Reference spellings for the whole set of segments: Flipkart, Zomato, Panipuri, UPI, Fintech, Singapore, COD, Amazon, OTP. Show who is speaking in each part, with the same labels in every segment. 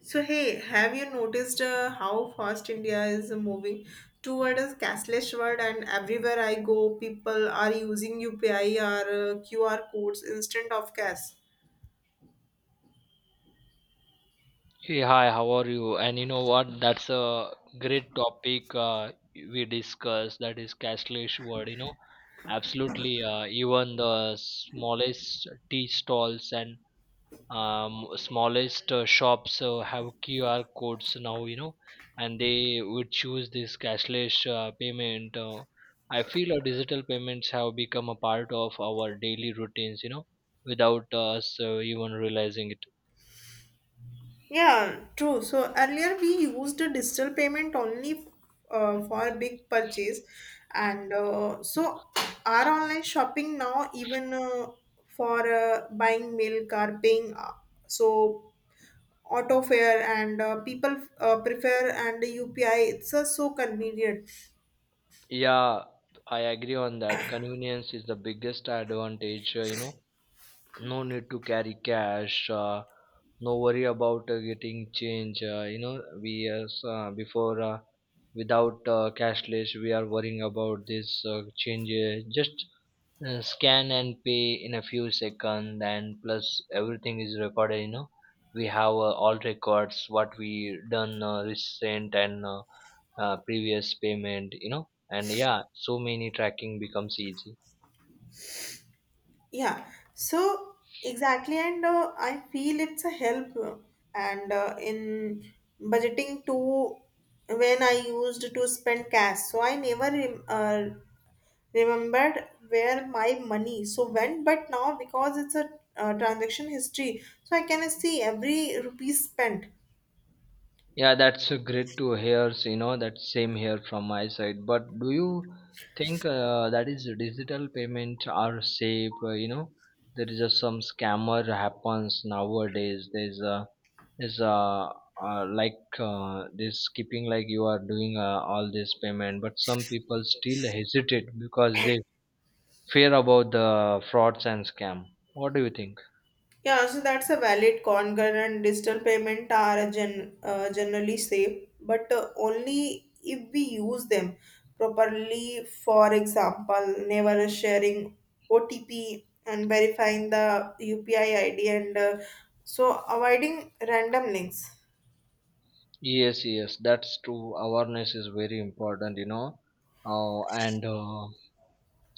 Speaker 1: So, hey, have you noticed how fast India is moving toward a cashless world? And everywhere I go, people are using UPI or QR codes instead of cash.
Speaker 2: Hey, hi, how are you? And you know what? That's a great topic we discussed. That is cashless word. Absolutely. Even the smallest tea stalls and smallest shops have QR codes now. And they would choose this cashless payment. I feel digital payments have become a part of our daily routines, without us even realizing it.
Speaker 1: Yeah, true. So earlier we used a digital payment only for big purchase, and so our online shopping now even for buying milk or paying. So auto fare and people prefer and UPI. It's so convenient.
Speaker 2: Yeah, I agree on that. Convenience is the biggest advantage, No need to carry cash, no worry about getting change. We before without cashless, we are worrying about this changes. Just scan and pay in a few seconds, and plus everything is recorded. We have all records what we done recent and previous payment, and yeah, so many tracking becomes easy.
Speaker 1: Yeah. So exactly, and I feel it's a help and in budgeting too. When I used to spend cash, so I never remembered where my money so went. But now because it's a transaction history, so I can see every rupee spent.
Speaker 2: Yeah, that's great to hear. So, that same here from my side, but do you think that is digital payment are safe? There is just some scammer happens nowadays. There's a this skipping, like, you are doing all this payment, but some people still hesitate because they fear about the frauds and scam. What do you think?
Speaker 1: Yeah, so that's a valid concern and digital payment are generally safe, but only if we use them properly. For example, never sharing OTP and verifying the UPI ID and so avoiding random links.
Speaker 2: Yes, yes, that's true. Awareness is very important, you know. And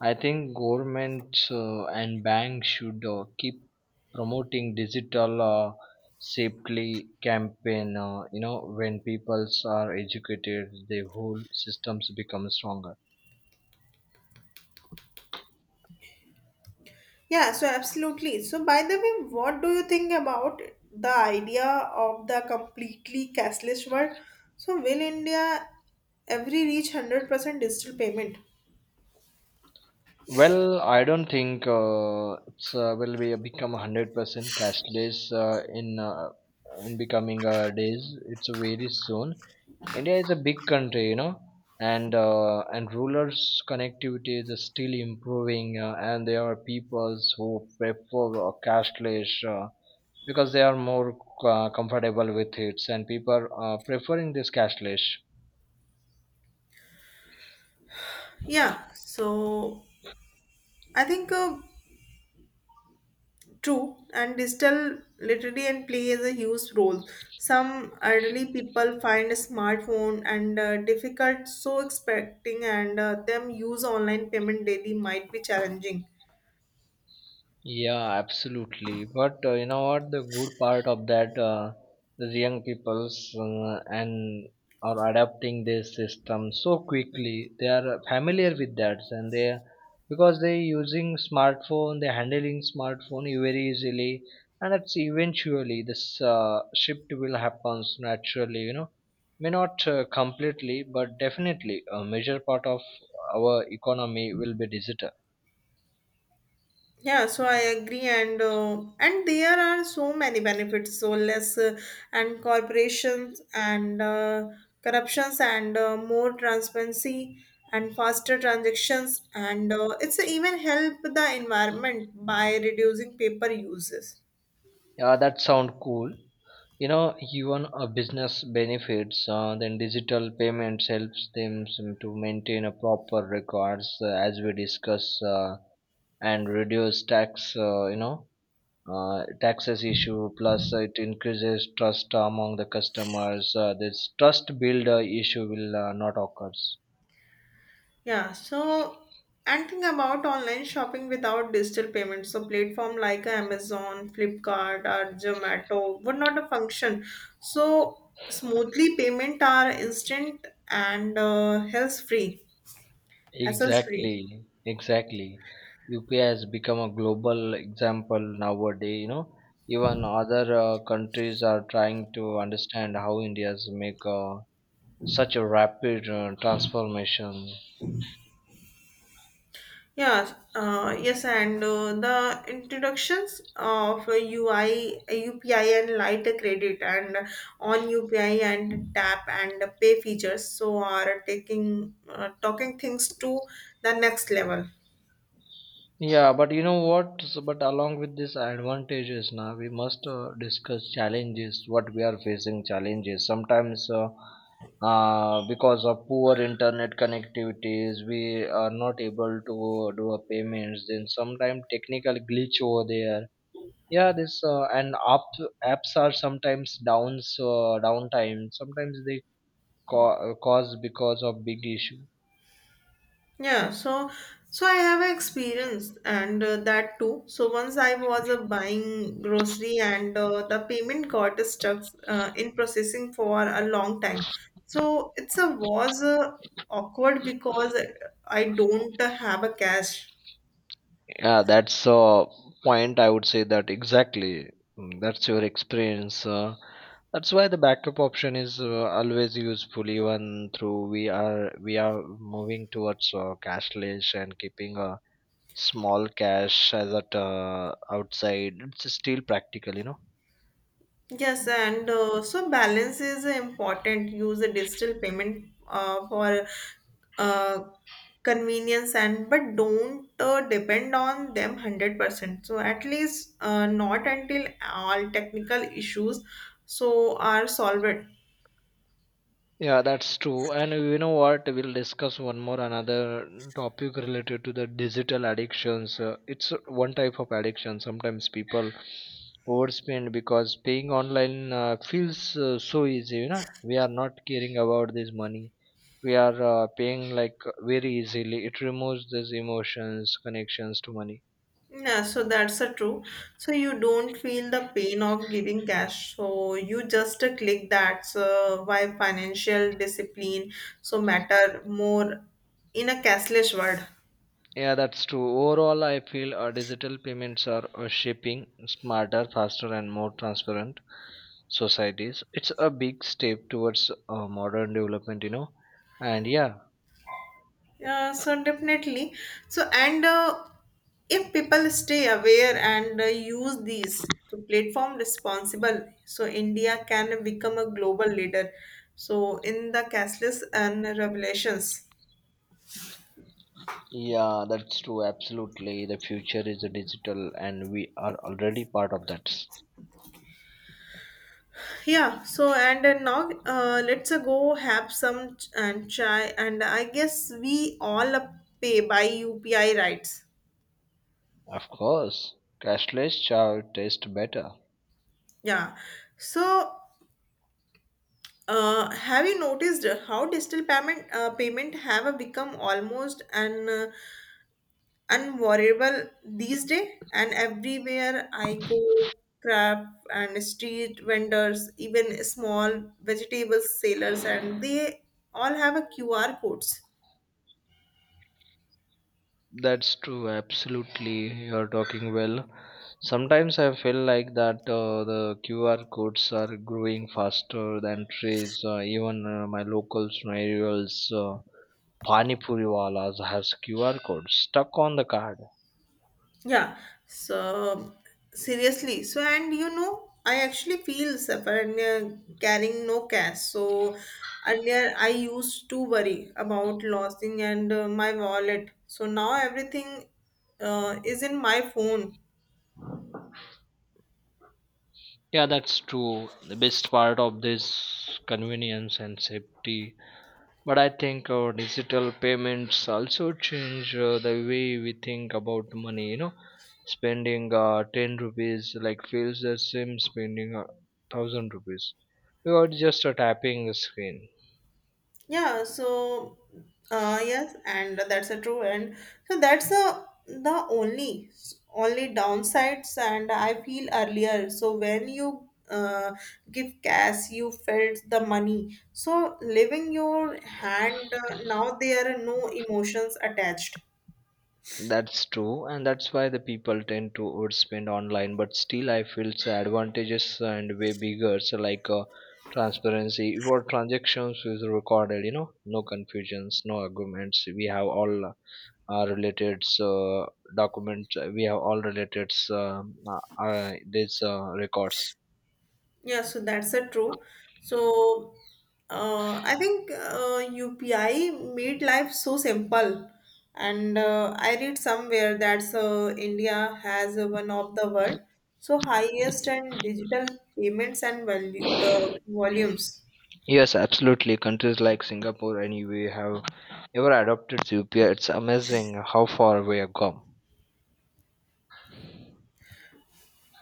Speaker 2: I think governments and banks should keep promoting digital safely campaign. When peoples are educated, the whole systems become stronger.
Speaker 1: Yeah, so absolutely. So by the way, what do you think about the idea of the completely cashless world? So will India every reach 100% digital payment?
Speaker 2: Well, I don't think it's will be become 100% cashless in becoming days. It's very soon. India is a big country, you know, and rulers' connectivity is still improving, and there are peoples who prefer cashless because they are more comfortable with it, and people are preferring this cashless.
Speaker 1: Yeah, so I think true, and digital literacy and play is a huge role. Some elderly people find a smartphone and difficult, so expecting and them use online payment daily might be challenging.
Speaker 2: Yeah, absolutely. But you know what? The good part of that, the young peoples and are adapting this system so quickly. They are familiar with that, and they, because they using smartphone, they handling smartphone very easily, and it's eventually this shift will happens naturally. May not completely, but definitely a major part of our economy will be digital.
Speaker 1: Yeah, so I agree, and there are so many benefits, so less and corporations and corruptions and more transparency and faster transactions, and it's even help the environment by reducing paper uses.
Speaker 2: Yeah, that sound cool. You know, even a business benefits. Then digital payments helps them to maintain a proper records, as we discuss, uh, and reduce tax. Taxes issue. Plus, it increases trust among the customers. This trust builder issue will not occurs.
Speaker 1: Yeah, so and think about online shopping without digital payments. So platform like Amazon, Flipkart or Zomato would not function. So smoothly payment are instant and hassle free, hassle free.
Speaker 2: Exactly, exactly. UPI has become a global example nowadays. You know, even other countries are trying to understand how India's make such a rapid transformation.
Speaker 1: Yeah, yes, and the introductions of UI, UPI, and light credit, and on UPI and tap and pay features, so are taking talking things to the next level.
Speaker 2: Yeah, but you know what? So, but along with these advantages, now we must discuss challenges. What we are facing challenges sometimes, because of poor internet connectivities, we are not able to do a payments. Then sometimes technical glitch over there. Yeah, this apps are sometimes downs downtime. Sometimes they cause because of big issue.
Speaker 1: Yeah, so I have an experience and that too. So once I was buying grocery and the payment got stuck in processing for a long time. So it's a was awkward because I don't have a cash.
Speaker 2: Yeah, that's a point. I would say that exactly. Mm, that's your experience. That's why the backup option is always useful, even through we are moving towards cashless, and keeping a small cash as at outside. It's still practical, you know.
Speaker 1: Yes, and so balance is important. Use a digital payment for uh, convenience and but don't depend on them 100%. So at least not until all technical issues so are solved.
Speaker 2: Yeah, that's true. And you know what? We'll discuss one more another topic related to the digital addictions. It's one type of addiction. Sometimes people overspend because paying online feels so easy. You know, we are not caring about this money. We are paying like very easily. It removes these emotions, connections to money.
Speaker 1: Yeah, so that's a true. So you don't feel the pain of giving cash. So you just click that's why financial discipline so matter more in a cashless world.
Speaker 2: Yeah, that's true. Overall, I feel digital payments are shaping smarter, faster, and more transparent societies. It's a big step towards modern development, and yeah.
Speaker 1: Yeah, so definitely. So, and if people stay aware and use these to platform responsible, so India can become a global leader. So, in the cashless and revelations.
Speaker 2: Yeah, that's true, absolutely. The future is digital and we are already part of that.
Speaker 1: Yeah, so and now let's go have some ch- and chai, and I guess we all pay by UPI rights.
Speaker 2: Of course. Cashless shall taste better.
Speaker 1: Yeah, so have you noticed how digital payment payment have become almost an unavoidable these days? And everywhere I go, craft and street vendors, even small vegetable sellers, and they all have a QR codes.
Speaker 2: That's true, absolutely, you're talking well. Sometimes I feel like that the QR codes are growing faster than trees, even my local scenarios. Panipuri walas has QR codes stuck on the card.
Speaker 1: Yeah. So seriously. So and you know, I actually feel suffer and carrying no cash. So earlier I used to worry about losing and my wallet. So now everything is in my phone.
Speaker 2: Yeah, that's true. The best part of this convenience and safety. But I think digital payments also change the way we think about money. You know, spending ten rupees like feels the same spending thousand rupees. You are just tapping the screen.
Speaker 1: Yeah, so yes, and that's a true and so that's a the only downsides and I feel earlier. So when you give cash you felt the money. So leaving your hand now there are no emotions attached.
Speaker 2: That's true, and that's why the people tend to overspend online. But still, I feel the advantages and way bigger. So, like, transparency, your transactions is recorded. You know, no confusions, no arguments. We have all our related documents. We have all related these records.
Speaker 1: Yeah, so that's a true. So, I think UPI made life so simple. And I read somewhere that India has one of the world so highest and digital payments and value volumes.
Speaker 2: Yes, absolutely. Countries like Singapore, anyway, have ever adopted UPI. It's amazing how far we have come.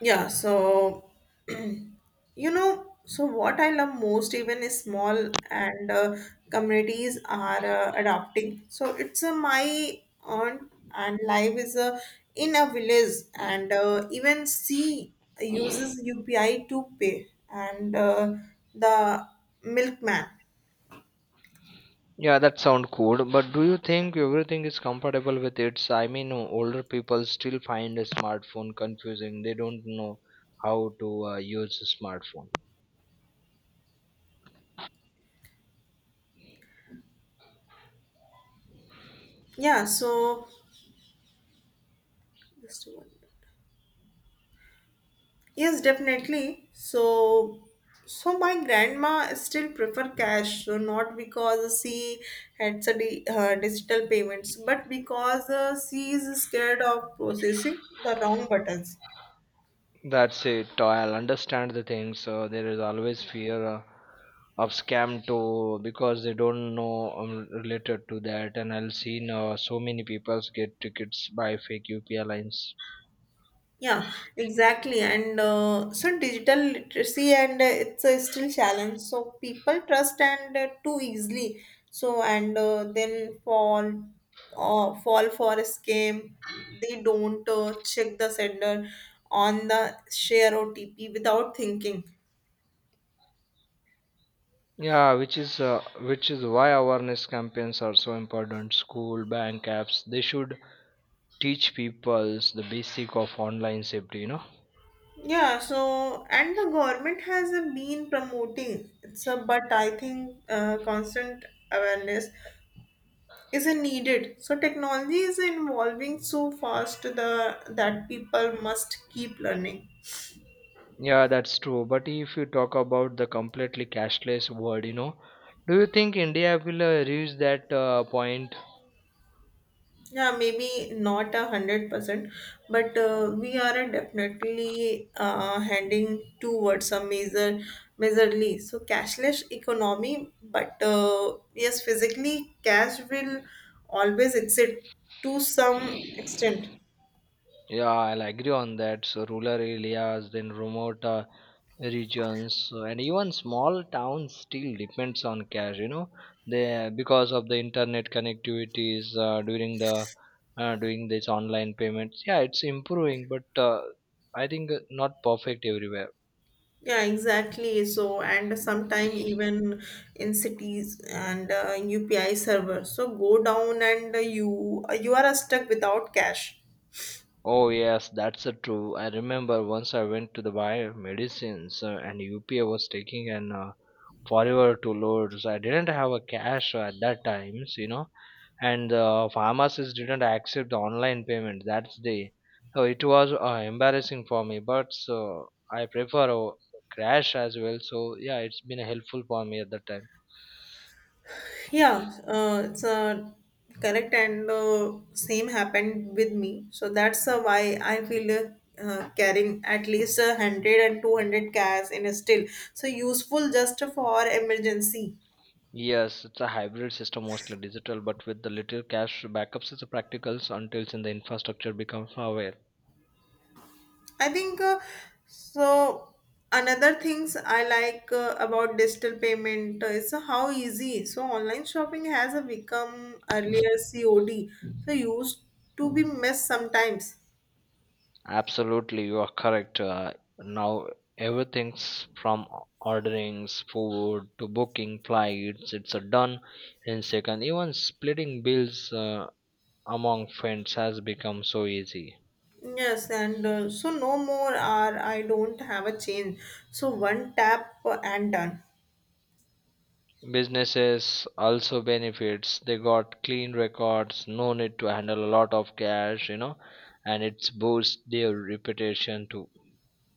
Speaker 1: Yeah, so you know, so what I love most, even is small and communities are adopting. So it's my aunt and life is in a village, and even she uses UPI to pay, and the milkman.
Speaker 2: Yeah, that sound cool, but do you think everything is compatible with it? I mean, older people still find a smartphone confusing. They don't know how to use a smartphone.
Speaker 1: Yeah, so just one. Yes, definitely. So, so my grandma still prefer cash, so not because she had a digital payments, but because she is scared of processing the wrong buttons.
Speaker 2: That's it. I'll understand the things. There is always fear of scam too, because they don't know related to that. And I'll seen so many people get tickets by fake UPI lines.
Speaker 1: Yeah, exactly. And so digital literacy and it's a still challenge. So people trust and too easily. So and then fall for a scam. They don't check the sender on the share OTP without thinking.
Speaker 2: Yeah, which is why awareness campaigns are so important. School, bank apps, they should teach people the basic of online safety, you know.
Speaker 1: Yeah, so and the government has been promoting it's a but I think constant awareness isn't needed. So technology is evolving so fast the that people must keep learning.
Speaker 2: Yeah, that's true. But if you talk about the completely cashless world, you know, do you think India will reach that point?
Speaker 1: Yeah, maybe not 100%, but we are definitely heading towards a majorly. So cashless economy, but yes, physically cash will always exist to some extent.
Speaker 2: Yeah, I'll agree on that. So rural areas, then remote regions and even small towns still depends on cash, you know. They, because of the internet connectivities during the doing this online payments. Yeah, it's improving, but I think not perfect everywhere.
Speaker 1: Yeah, exactly. So, and sometime even in cities and in UPI server. So go down and you are stuck without cash.
Speaker 2: Oh yes, that's true. I remember once I went to the buy medicines and UPA was taking an forever to load. So I didn't have a cash at that times, you know, and the pharmacist didn't accept the online payment that day. So it was embarrassing for me, but so I prefer cash as well. So yeah, it's been helpful for me at that time.
Speaker 1: Yeah, it's correct and same happened with me. So that's why I feel carrying at least 100 and 200 cash in a still. So useful just for emergency.
Speaker 2: Yes, it's a hybrid system, mostly digital, but with the little cash backups, it's a practical until the infrastructure becomes aware.
Speaker 1: I think so. Another things I like about digital payment is how easy. So online shopping has a become earlier COD. So used to be missed sometimes.
Speaker 2: Absolutely, you are correct. Now everything's from ordering food to booking flights. It's a done in second. Even splitting bills among friends has become so easy.
Speaker 1: Yes, and so no more are I don't have a change. So one tap and done.
Speaker 2: Businesses also benefits. They got clean records, no need to handle a lot of cash, you know, and it's boosts their reputation too.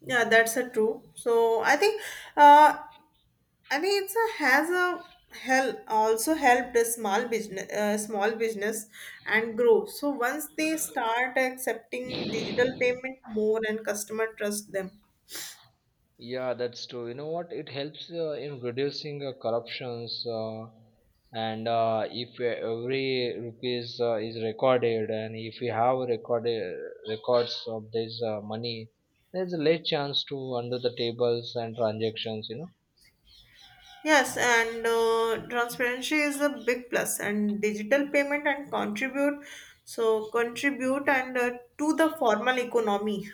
Speaker 1: Yeah, that's a true. So I think uh, I mean, it's a has a help also helped a small business, and grow. So once they start accepting digital payment more, and customer trust them.
Speaker 2: Yeah, that's true. You know what? It helps in reducing corruptions, and if every rupees is recorded, and if we have recorded records of this money, there's a less chance to under the tables and transactions, you know.
Speaker 1: Yes, and transparency is a big plus, and digital payment and contribute and to the formal economy.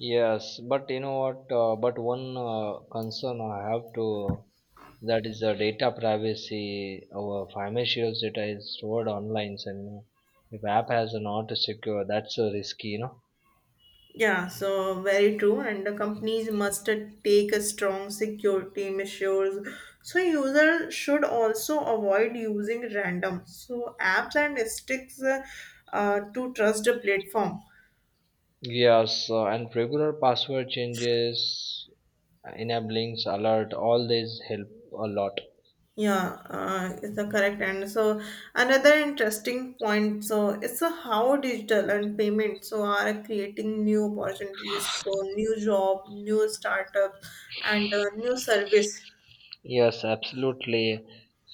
Speaker 2: Yes, but you know what? But one concern I have to that is the data privacy. Our financial data is stored online, and if app has not secure, that's risky, you know.
Speaker 1: Yeah, so very true. And the companies must take a strong security measures. So users should also avoid using random so apps and sticks to trust the platform.
Speaker 2: Yes, and regular password changes, enablings, alert, all these help a lot.
Speaker 1: Yeah, it's a correct. And so another interesting point. So it's a how digital and payment so are creating new opportunities. So new job, new startup, and new service.
Speaker 2: Yes, absolutely.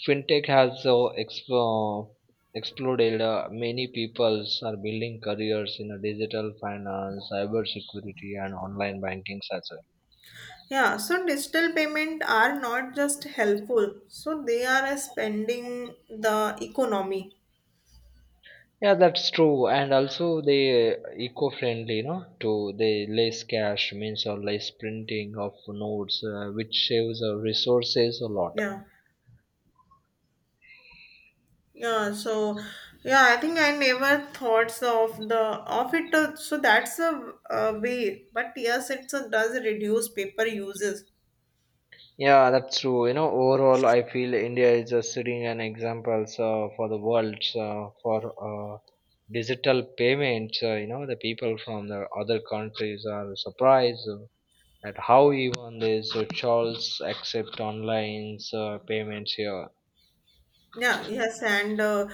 Speaker 2: Fintech has exploded. Many people are building careers in digital finance, cyber security, and online banking as well.
Speaker 1: Yeah, so digital payment are not just helpful, so they are expanding the economy.
Speaker 2: Yeah, that's true. And also, they eco-friendly, you know, to they less cash means or less printing of notes, which saves resources a lot.
Speaker 1: Yeah. Yeah, so yeah, I think I never thoughts of the of it. So that's a way, but yes, it does reduce paper uses.
Speaker 2: Yeah, that's true. You know, overall, I feel India is just setting an example, so, for the world, so, for digital payments. The people from the other countries are surprised at how even these Charles accept online payments here.
Speaker 1: Yeah, yes, and uh,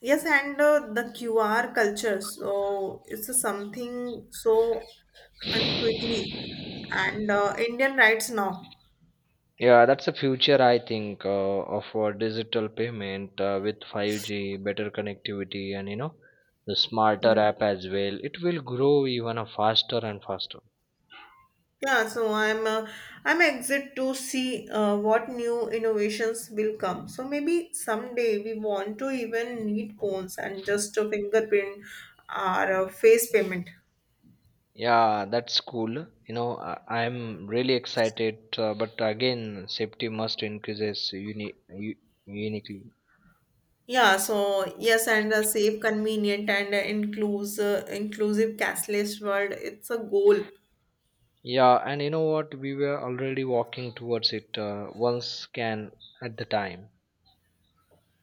Speaker 1: yes, and uh, the QR culture. So it's something so and quickly and Indian rights now.
Speaker 2: Yeah, that's the future, I think, of our digital payment with 5G, better connectivity, and you know, the smarter
Speaker 1: Yeah.
Speaker 2: app as well. It will grow even faster and faster.
Speaker 1: Yeah, I'm excited to see what new innovations will come. So maybe someday we want to even need phones and just a fingerprint or a face payment.
Speaker 2: Yeah, that's cool. You know, I'm really excited, but again, safety must increases uniquely.
Speaker 1: Yeah, so yes, and a safe, convenient, and inclusive cashless world. It's a goal.
Speaker 2: Yeah, and you know what? We were already walking towards it, one scan at the time.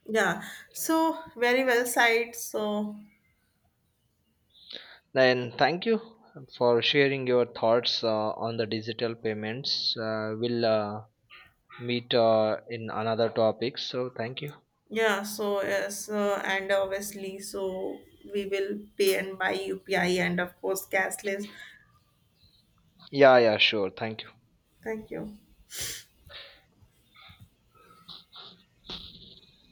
Speaker 1: Yeah, so very well said. So
Speaker 2: Then thank you for sharing your thoughts on the digital payments. We'll meet in another topic. So thank you.
Speaker 1: yeah, so yes, and obviously, so we will pay and buy UPI and of course cashless.
Speaker 2: Yeah, yeah, sure. Thank you.
Speaker 1: Thank you.